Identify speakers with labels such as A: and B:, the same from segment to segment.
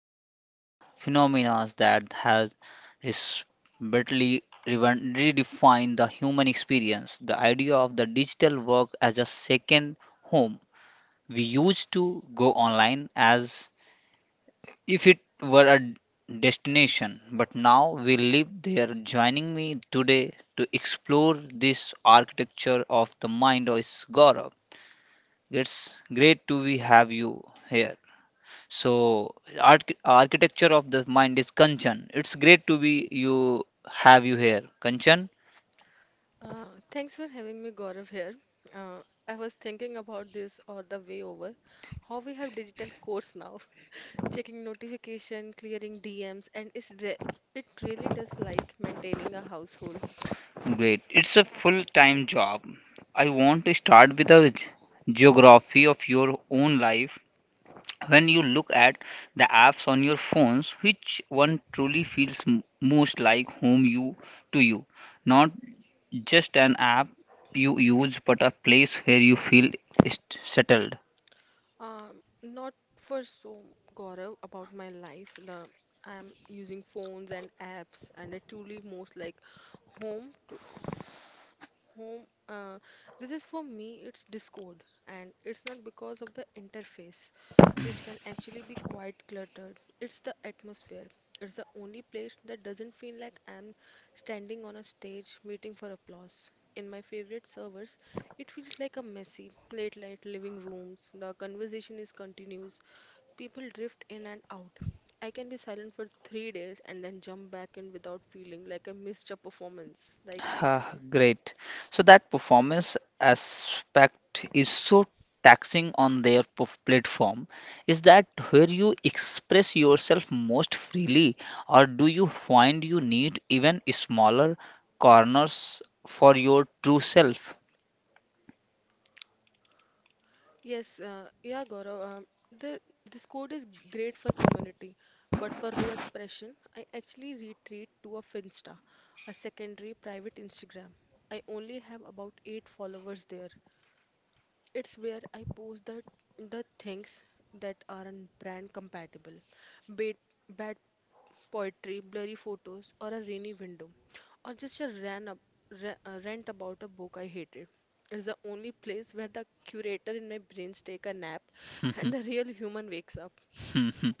A: layers on a phenomena that has is bitterly redefined the human experience. The idea of the digital work as a second home. We used to go online as if it were a destination, but now we live there. Joining me today to explore this architecture of the mind is Gaurav. It's great to be have you here. So, architecture of the mind is Kanchan. It's great to be you have you here, Kanchan.
B: Uh, Thanks for having me, Gaurav, here. Uh, I was thinking about this all the way over, how we have digital course now, checking notification, clearing DMs, and it really does like maintaining a household.
A: Great. It's a full-time job. I want to start with a geography of your own life. When you look at the apps on your phones, which one truly feels most like home you to you? Not just an app you use, but a place where you feel settled.
B: Not for so, Gaurav, about my life. The I'm using phones and apps, and I truly most like home to home uh, this is for me, it's Discord, and it's not because of the interface, which can actually be quite cluttered. It's the atmosphere. It's the only place that doesn't feel like I'm standing on a stage waiting for applause. In my favorite servers, it feels like a messy late night living rooms. The conversation is continuous, people drift in and out. I can be silent for 3 days and then jump back in without feeling like I missed a performance, like.
A: Great. So that performance aspect is so taxing on their platform. Is that where you express yourself most freely, or do you find you need even smaller corners for your true self?
B: Yes, yeah, Gaurav. The this code is great for community, but for raw expression, I actually retreat to a Finsta, a secondary private Instagram. I only have about eight followers there, it's where I post the things that aren't brand compatible, be it bad poetry, blurry photos, or a rainy window, or just a rant about a book I hated. It's the only place where the curator in my brains take a nap and the real human wakes up.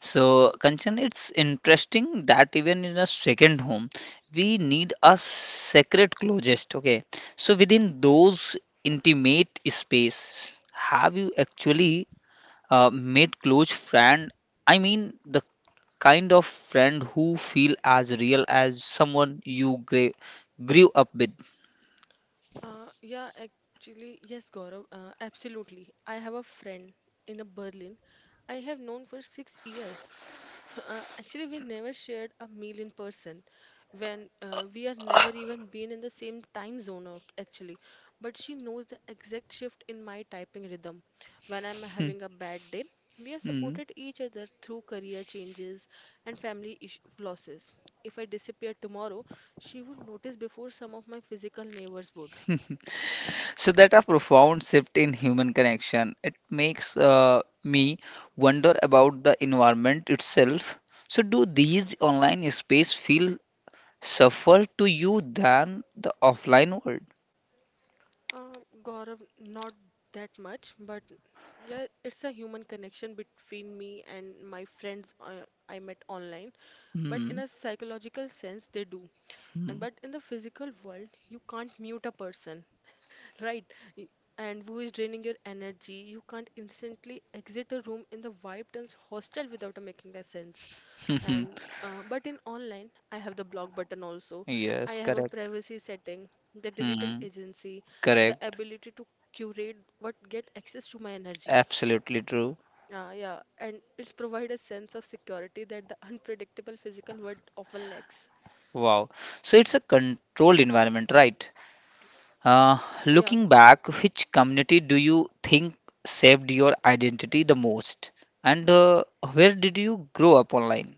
A: So, Kanchan, it's interesting that even in a second home, we need a sacred closest. Okay, so within those intimate space, have you actually made close friend? I mean, the kind of friend who feel as real as someone you grew up with.
B: Yeah, actually, yes, Gaurav, absolutely. I have a friend in a Berlin I have known for 6 years. Actually, we never shared a meal in person when we are never even been in the same time zone, actually. But she knows the exact shift in my typing rhythm when I'm having a bad day. We have
A: Hmm.
B: supported each other through career changes and family losses. If I disappear tomorrow, she would notice before some of my physical neighbors would.
A: So that a profound shift in human connection. It makes me wonder about the environment itself. So do these online space feel safer to you than the offline world?
B: Gaurav, not that much, but yeah, it's a human connection between me and my friends I met online. But in
A: Hmm.
B: a psychological sense, they do. And but in the physical world, you can't mute a person, right? Y- And who is draining your energy? You can't instantly exit a room in the vibe turns hostile without a making a sense.
A: Hmm.
B: And but in online I have the block button also, I
A: Yes,
B: have a
A: correct.
B: privacy setting, the digital
A: Hmm.
B: agency, the
A: Correct.
B: ability to curate what get access to my energy.
A: Absolutely true.
B: Yeah, and it's provide a sense of security that the unpredictable physical world often lacks.
A: Wow. So it's a controlled environment, right? Uh,
B: Yeah.
A: Looking back, which community do you think saved your identity the most? And where did you grow up online?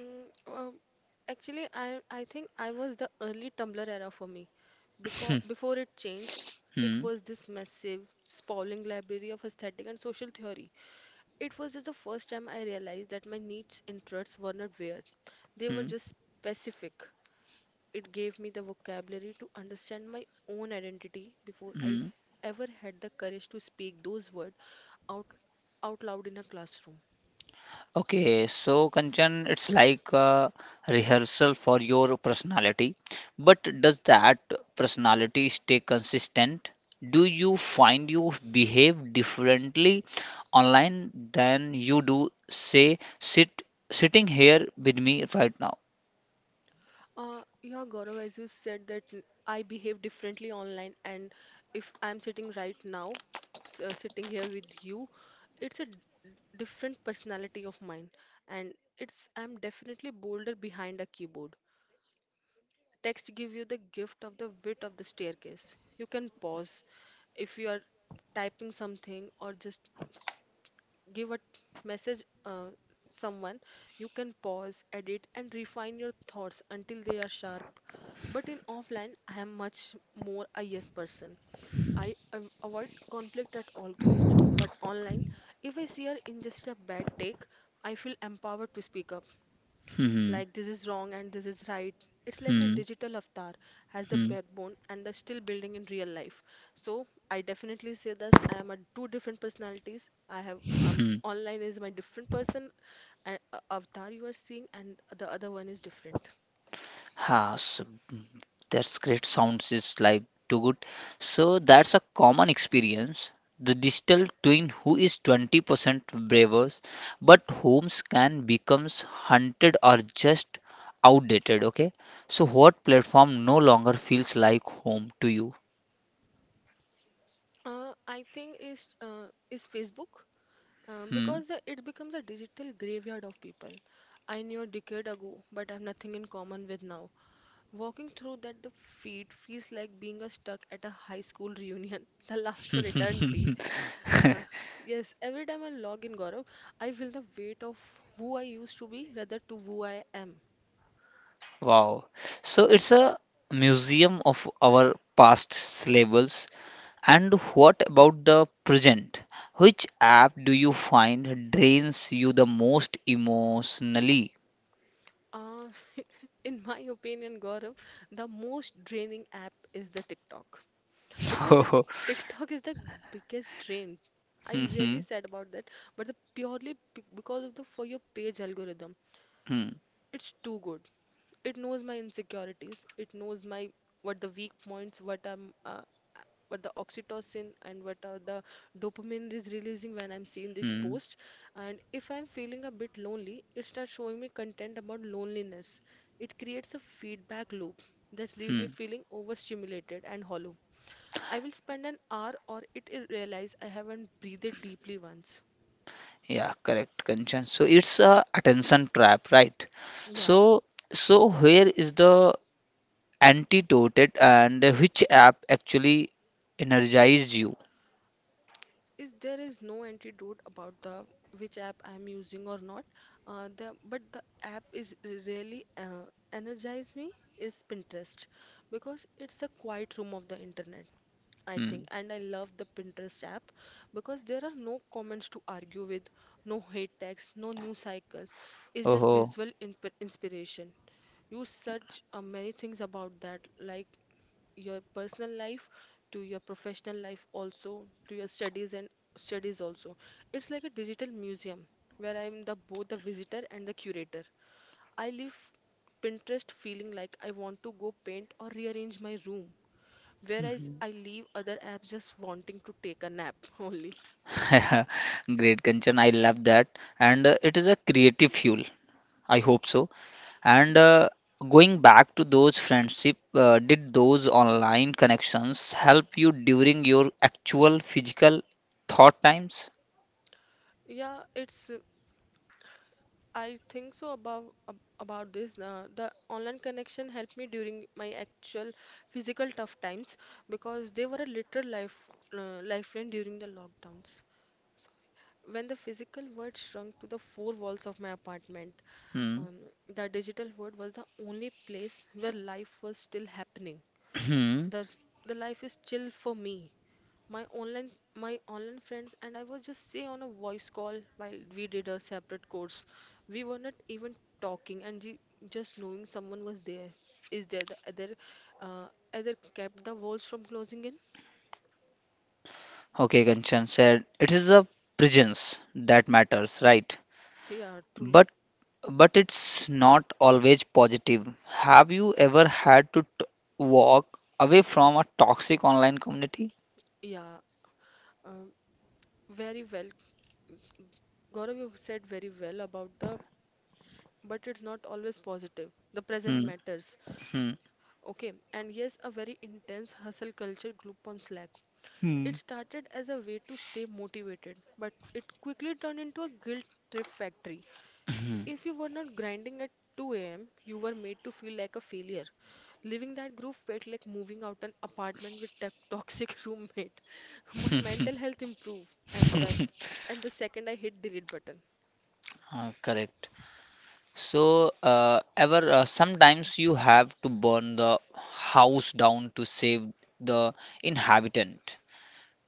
B: Mm, um, actually i i think I was the early Tumblr era for me, because
A: Hmm,
B: before it changed, it
A: hmm,
B: was this massive sprawling library of aesthetic and social theory. It was just the first time I realized that my niche interests were not weird, they were
A: hmm.
B: just specific. It gave me the vocabulary to understand my own identity before I
A: Hmm.
B: ever had the courage to speak those words out, out loud in a classroom.
A: Okay, so Kanchan, it's like a rehearsal for your personality, but does that personality stay consistent? Do you find you behave differently online than you do, say, sitting here with me right now?
B: Yeah, Gaurav, as you said that I behave differently online, and if I'm sitting right now, sitting here with you, it's a different personality of mine, and it's I'm definitely bolder behind a keyboard. Text give you the gift of the width of the staircase. You can pause if you are typing something or just give a message someone. You can pause, edit, and refine your thoughts until they are sharp. But in offline, I am much more a yes person. I avoid conflict at all cost. But online, if I see or ingest a bad take, I feel empowered to speak up like this is wrong and this is right. It's like my
A: Hmm,
B: digital avatar has the
A: hmm,
B: backbone and the still building in real life. So I definitely say this. I am a two different personalities. I have
A: hmm.
B: online is my different person, avatar you are seeing, and the other one is different.
A: Ha, so mm, that's great. Sounds is like too good. So that's a common experience. The digital twin who is 20% braver, but homes can becomes hunted or just outdated. Okay. So what platform no longer feels like home to you?
B: I think is Facebook,
A: Hmm.
B: because it becomes a digital graveyard of people I knew a decade ago, but I have nothing in common with now. Walking through that the feet feels like being a stuck at a high school reunion the last for eternity. Uh, yes, every time I log in, Gaurav, I feel the weight of who I used to be rather to who I am.
A: Wow. So it's a museum of our past labels. And what about the present? Which app do you find drains you the most emotionally?
B: Uh, in my opinion, Gaurav, the most draining app is the TikTok because the TikTok is the biggest drain. I really
A: Mhm,
B: sad about that, but the purely because of the for your page algorithm,
A: hmm,
B: it's too good. It knows my insecurities, it knows my what the weak points, what the oxytocin and what are the dopamine is releasing when I'm seeing this
A: hmm,
B: post. And if I'm feeling a bit lonely, it starts showing me content about loneliness. It creates a feedback loop that leaves me
A: hmm.
B: feeling overstimulated and hollow. I will spend an hour or it realize I haven't breathed deeply once.
A: Yeah, correct, Kanchan. So it's a attention trap, right?
B: Yeah.
A: So, so, where is the antidote and which app actually energizes you?
B: is there is no antidote about the which app I'm using or not. The But the app is really energize me is Pinterest because it's a quiet room of the internet. I think,
A: Hmm.
B: and I love the Pinterest app because there are no comments to argue with, no hate tags, no news cycles. It's just
A: Oh,
B: visual inp inspiration. You search many things about that, like your personal life to your professional life also to your studies and studies also. It's like a digital museum where I'm the both the visitor and the curator. I leave Pinterest feeling like I want to go paint or rearrange my room, whereas I leave other apps just wanting to take a nap only.
A: great, Kanchan. I love that, and it is a creative fuel. I hope so. And going back to those friendship, did those online connections help you during your actual physical thought times?
B: Yeah, it's I think so about about this. The online connection helped me during my actual physical tough times because they were a literal lifeline during the lockdowns. So, when the physical world shrunk to the four walls of my apartment,
A: Hmm.
B: um, the digital world was the only place where life was still happening.
A: Hmm.
B: The the life is chill for me. My online my online friends and I was just say on a voice call while we did a separate course. We were not even talking and just knowing someone was there. Is there the uh, other kept the walls from closing in?
A: Okay, Kanchan said it is the presence that matters, right?
B: Yeah, truly.
A: But but it's not always positive. Have you ever had to t walk away from a toxic online community?
B: Yeah, um, very well. Gaurav, you said very well about the, but it's not always positive. The present
A: Hmm.
B: matters.
A: Hmm.
B: Okay, and yes, a very intense hustle culture group on Slack.
A: Hmm.
B: It started as a way to stay motivated, but it quickly turned into a guilt trip factory.
A: Hmm.
B: If you were not grinding at 2 a.m., you were made to feel like a failure. Leaving that group felt like moving out an apartment with a toxic roommate. My mental health improved, and the second I hit delete button.
A: Correct. So, ever sometimes you have to burn the house down to save the inhabitant.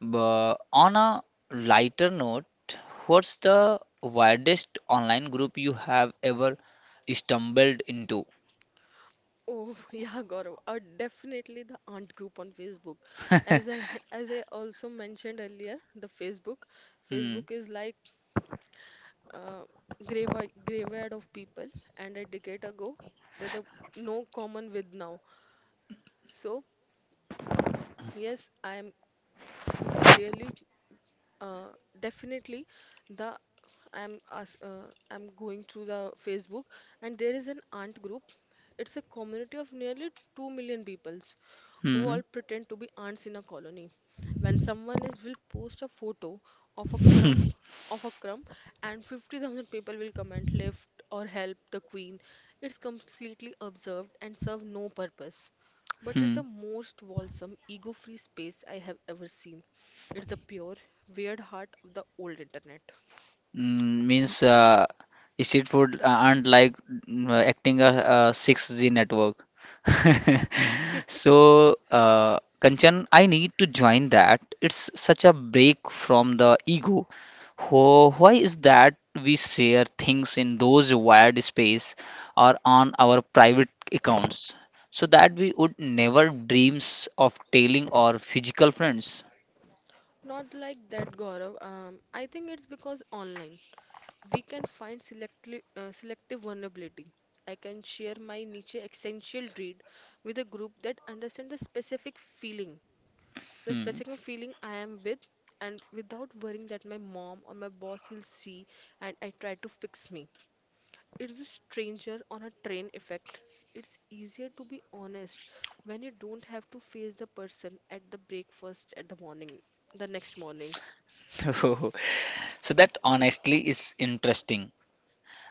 A: But on a lighter note, what's the weirdest online group you have ever stumbled into?
B: Oh, yeah, Gaurav, definitely the aunt group on Facebook. As I as I also mentioned earlier, the Facebook,
A: Hmm.
B: Facebook is like uh, graveyard of people and a decade ago that the no common with now. So yes, I am really uh, definitely the I'm as I'm going through the Facebook, and there is an aunt group. It's a community of nearly 2 million peoples who
A: Hmm.
B: all pretend to be ants in a colony. When someone is will post a photo of a crumb of a crumb and 50,000 people will comment lift or help the queen. It's completely observed and serve no purpose. But it's
A: Hmm.
B: the most wholesome, ego-free space I have ever seen. It's the pure, weird heart of the old internet.
A: Means street food aren't like acting a 6G network. So, Kanchan, I need to join that. It's such a break from the ego. Why is that we share things in those wired space or on our private accounts so that we would never dreams of telling our physical friends?
B: Not like that, Gaurav. I think it's because online. We can find selective vulnerability. I can share my niche essential read with a group that understands the specific feeling, the
A: Hmm.
B: specific feeling I am with, and without worrying that my mom or my boss will see and I try to fix me. It's a stranger on a train effect. It's easier to be honest when you don't have to face the person at the breakfast at the morning, the next morning.
A: So that honestly is interesting.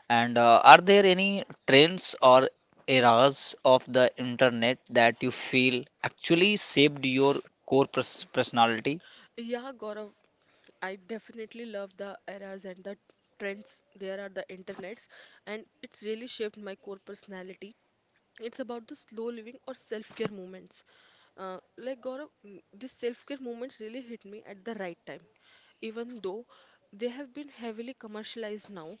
A: And are there any trends or eras of the internet that you feel actually shaped your core personality?
B: Yeah, Gaurav, I definitely love the eras and the trends. There are the internets, and it's really shaped my core personality. It's about the slow living or self care movements. Like, Gaurav, these self care movements really hit me at the right time. Even though they have been heavily commercialized now,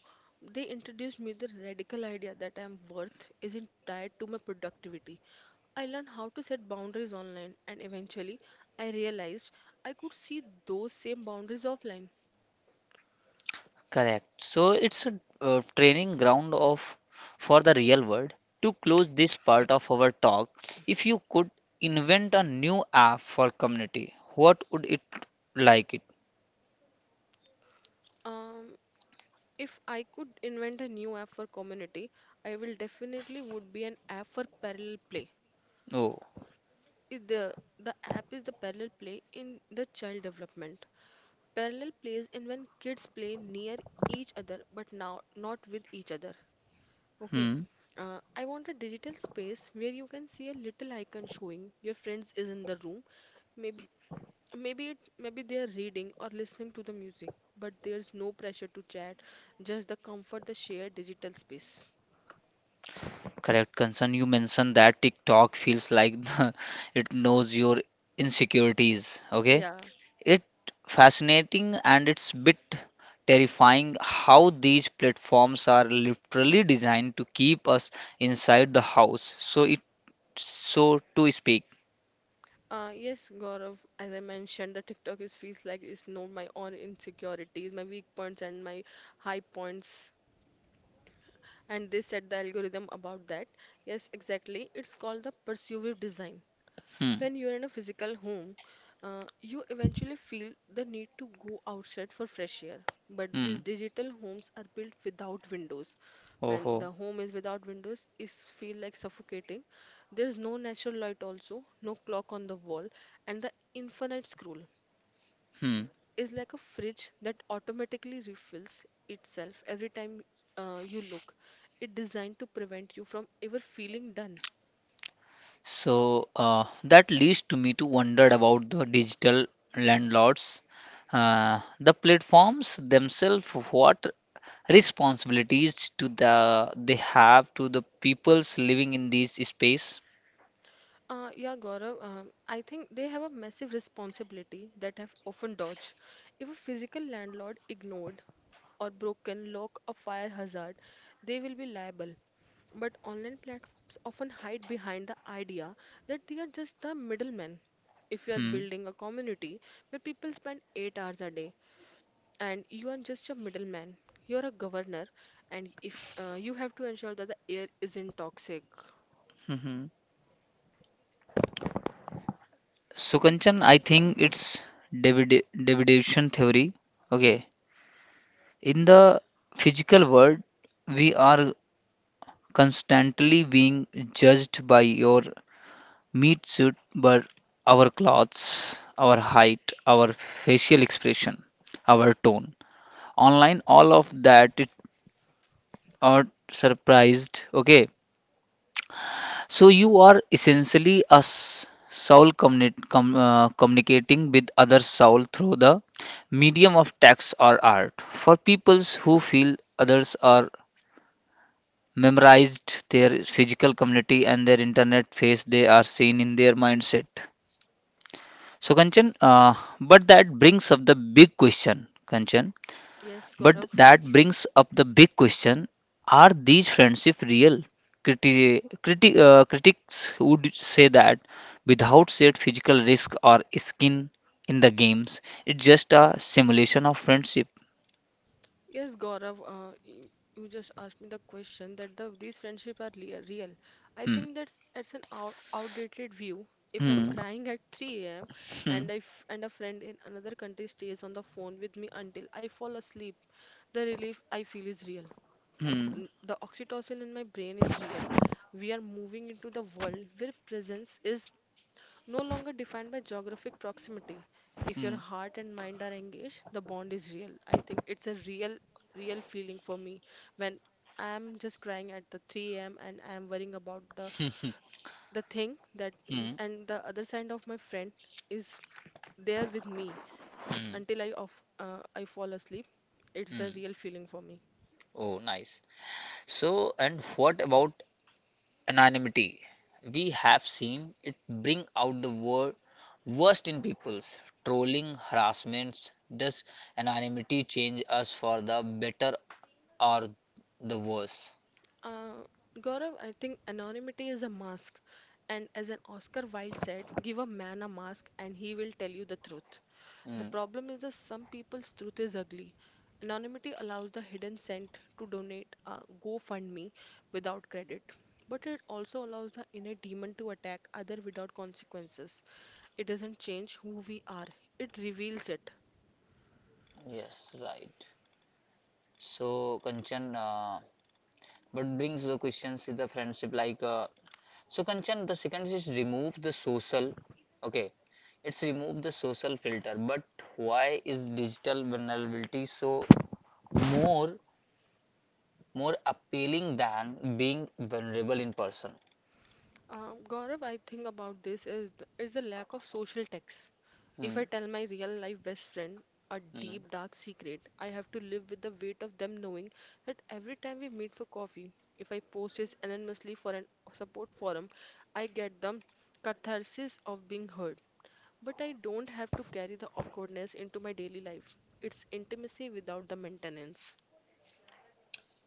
B: they introduced me the radical idea that I'm worth isn't tied to my productivity. I learned how to set boundaries online, and eventually, I realized I could see those same boundaries offline.
A: Correct. So it's a training ground of for the real world. To close this part of our talk, if you could invent a new app for community, what would it like it?
B: Um, if I could invent a new app for community, I will definitely would be an app for parallel play.
A: Oh,
B: Is the app is the parallel play in the child development. Parallel play is in when kids play near each other, but now not with each other. Okay.
A: hmm.
B: I want a digital space where you can see a little icon showing your friends is in the room, maybe maybe they are reading or listening to the music, but there's no pressure to chat, just the comfort, the shared digital space.
A: Correct, concern. You mentioned that TikTok feels like it knows your insecurities. Okay.
B: Yeah,
A: It fascinating and it's bit terrifying how these platforms are literally designed to keep us inside the house. So it so to speak.
B: yes, Gaurav. As I mentioned, the TikTok is feels like it's know my own insecurities, my weak points, and my high points. And they set the algorithm about that. Yes, exactly. It's called the persuasive design.
A: Hmm.
B: When you're in a physical home, you eventually feel the need to go outside for fresh air. But
A: Hmm.
B: these digital homes are built without windows.
A: Oh.
B: When
A: Ho.
B: the home is without windows, it feel like suffocating. There's no natural light also, no clock on the wall, and the infinite scroll
A: Hmm.
B: is like a fridge that automatically refills itself every time you look. It's designed to prevent you from ever feeling done.
A: So that leads to me to wonder about the digital landlords, the platforms themselves. What responsibilities to the they have to the peoples living in these space?
B: Yeah, Gaurav, I think they have a massive responsibility that have often dodged. If a physical landlord ignored or broken lock or fire hazard, they will be liable. But online platforms often hide behind the idea that they are just the middlemen. If you are
A: Hmm.
B: building a community where people spend 8 hours a day, and you are just a middleman. You're a governor, and if you have to ensure that the air isn't toxic.
A: So Kanchan, I think it's Davidation theory. Okay. In
B: Yeah.
A: the physical world, we are constantly being judged by your meat suit, but our clothes, our height, our facial expression, our tone. Online, all of that it are surprised. Okay. So you are essentially a soul communicating with other soul through the medium of text or art. For peoples who feel others are memorized their physical community and their internet face, they are seen in their mindset. So Kanchan, but that brings up the big question, Kanchan.
B: Yes,
A: But
B: Gaurav.
A: that brings up the big question, are these friendships real? Critics would say that without said physical risk or skin in the games, it's just a simulation of friendship.
B: Yes, Gaurav. You just asked me the question that the these friendship are real. I
A: Hmm.
B: think that's an outdated view. If I'm
A: Hmm.
B: crying at 3 a.m.
A: Hmm.
B: and if and a friend in another country stays on the phone with me until I fall asleep, the relief I feel is real.
A: Hmm.
B: The oxytocin in my brain is real. We are moving into the world where presence is no longer defined by geographic proximity. If
A: Hmm.
B: your heart and mind are engaged, the bond is real. I think it's a real, real feeling for me when I'm just crying at the 3 a.m. and I'm worrying about the
A: Hmm.
B: the thing that
A: Hmm.
B: and the other side of my friend is there with me
A: Hmm.
B: until I fall asleep. It's the
A: Hmm.
B: real feeling for me.
A: Oh, nice. So, and what about anonymity? We have seen it bring out the worst in people's trolling, harassments. Does anonymity change us for the better or the worse?
B: Uh, Gaurav, I think anonymity is a mask. And as an Oscar Wilde said, give a man a mask and he will tell you the truth. The
A: Mm,
B: problem is that some people's truth is ugly. Anonymity allows the hidden scent to donate a GoFundMe without credit. But it also allows the inner demon to attack other without consequences. It doesn't change who we are, it reveals it.
A: yes, right. So, Kanchan, but brings the questions to the friendship so, Kanchan, the second is remove the social. Okay, it's remove the social filter, but why is digital vulnerability so more more appealing than being vulnerable in person.
B: Gaurav, I think about this is the lack of social text.
A: Hmm.
B: If I tell my real life best friend a
A: Hmm.
B: deep dark secret, I have to live with the weight of them knowing that every time we meet for coffee, if I post this anonymously for an support forum, I get the catharsis of being heard. But I don't have to carry the awkwardness into my daily life. It's intimacy without the maintenance.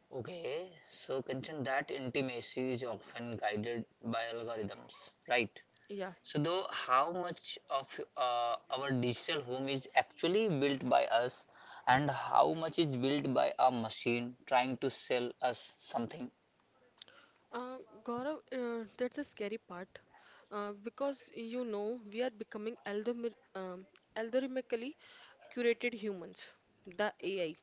A: Okay, so Kanchan, that intimacy is often guided by algorithms, right?
B: Yeah.
A: So, though, how much of our digital home is actually built by us, and how much is built by a machine trying to sell us something?
B: Uh, Gaurav, that's a scary part because you know we are becoming algorithmically curated humans. The AI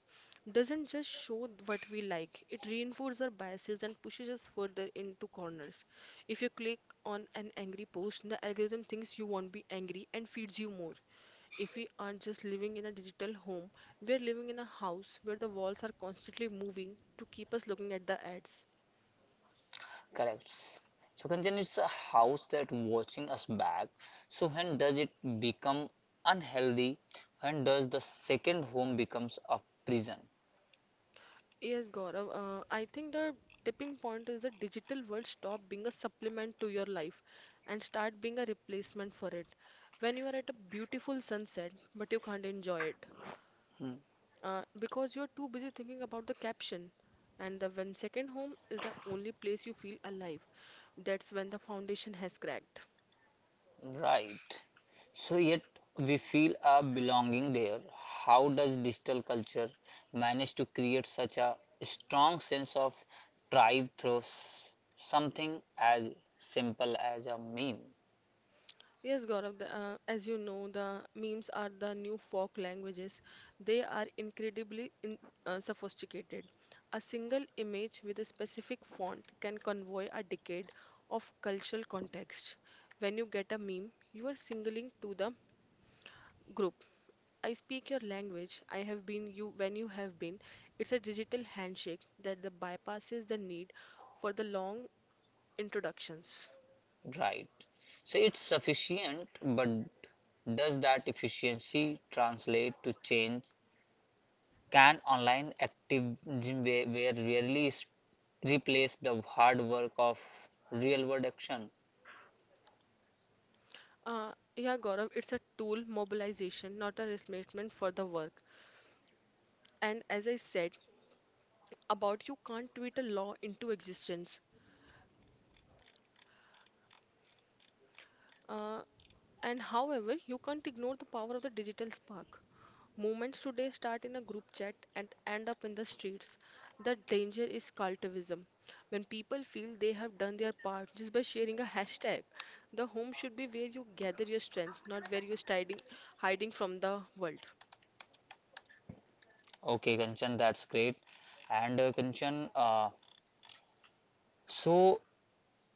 B: doesn't just show what we like, it reinforces our biases and pushes us further into corners. If you click on an angry post, the algorithm thinks you won't be angry and feeds you more. If we aren't just living in a digital home, we are living in a house where the walls are constantly moving to keep us looking at the ads.
A: Correct. So Kanchan, it's a house that watching us back. So when does it become unhealthy? When does the second home becomes a prison?
B: Yes, Gaurav. I think the tipping point is the digital world stop being a supplement to your life and start being a replacement for it. When you are at a beautiful sunset, but you can't enjoy it
A: Hmm.
B: because you're too busy thinking about the caption. And the when second home is the only place you feel alive. That's when the foundation has cracked.
A: Right. So yet we feel a belonging there. How does digital culture manage to create such a strong sense of tribe through something as simple as a meme?
B: Yes, Gaurav, as you know, the memes are the new folk languages. They are incredibly sophisticated. A single image with a specific font can convey a decade of cultural context. When you get a meme, you are signaling to the group. I speak your language. I have been you when you have been. It's a digital handshake that the bypasses the need for the long introductions.
A: Right. So it's sufficient, but does that efficiency translate to change? Can online activism, where rarely replace the hard work of real world action?
B: Yeah, Gaurav, it's a tool mobilization, not a replacement for the work. And as I said about you can't tweet a law into existence. Uh, and however, you can't ignore the power of the digital spark. Movements today start in a group chat and end up in the streets. The danger is cultivism. When people feel they have done their part just by sharing a hashtag, the home should be where you gather your strength, not where you're hiding from the world.
A: Okay, Kanchan, that's great. And Kanchan, so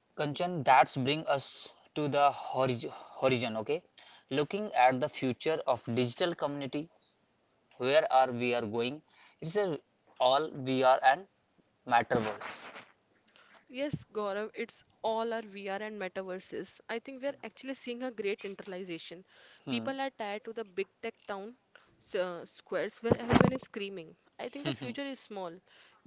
A: Kanchan, that's bring us to the horizon. Okay, looking at the future of digital community, where are we are going? It's a all VR and Matterverse.
B: Yes, Gaurav, it's all our VR and metaverses. I think we are actually seeing a great internalization.
A: Hmm.
B: People are tired to the big tech town squares where everyone is screaming. I think the future is small.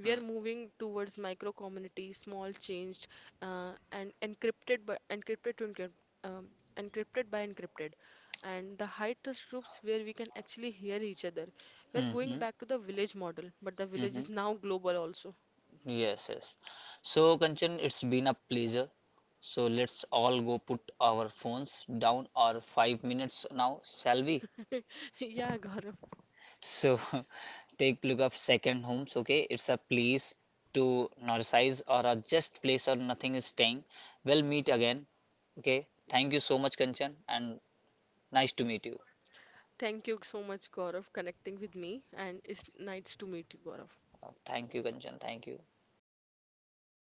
B: We are moving towards micro community, small changed, and um, encrypted by encrypted, and the high trust groups where we can actually hear each other. We are going
A: Hmm.
B: back to the village model, but the
A: Hmm.
B: village is now global also.
A: Yes, yes. So, Kanchan, it's been a pleasure. So, let's all go put our phones down or 5 minutes now, shall we?
B: Yeah, Gaurav.
A: So, take look up second homes, okay? It's a place to narcissize or a just place or nothing is staying. We'll meet again, okay? Thank you so much, Kanchan, and nice to meet you.
B: Thank you so much, Gaurav, connecting with me, and it's nice to meet you, Gaurav.
A: Thank you, Kanchan. Thank you.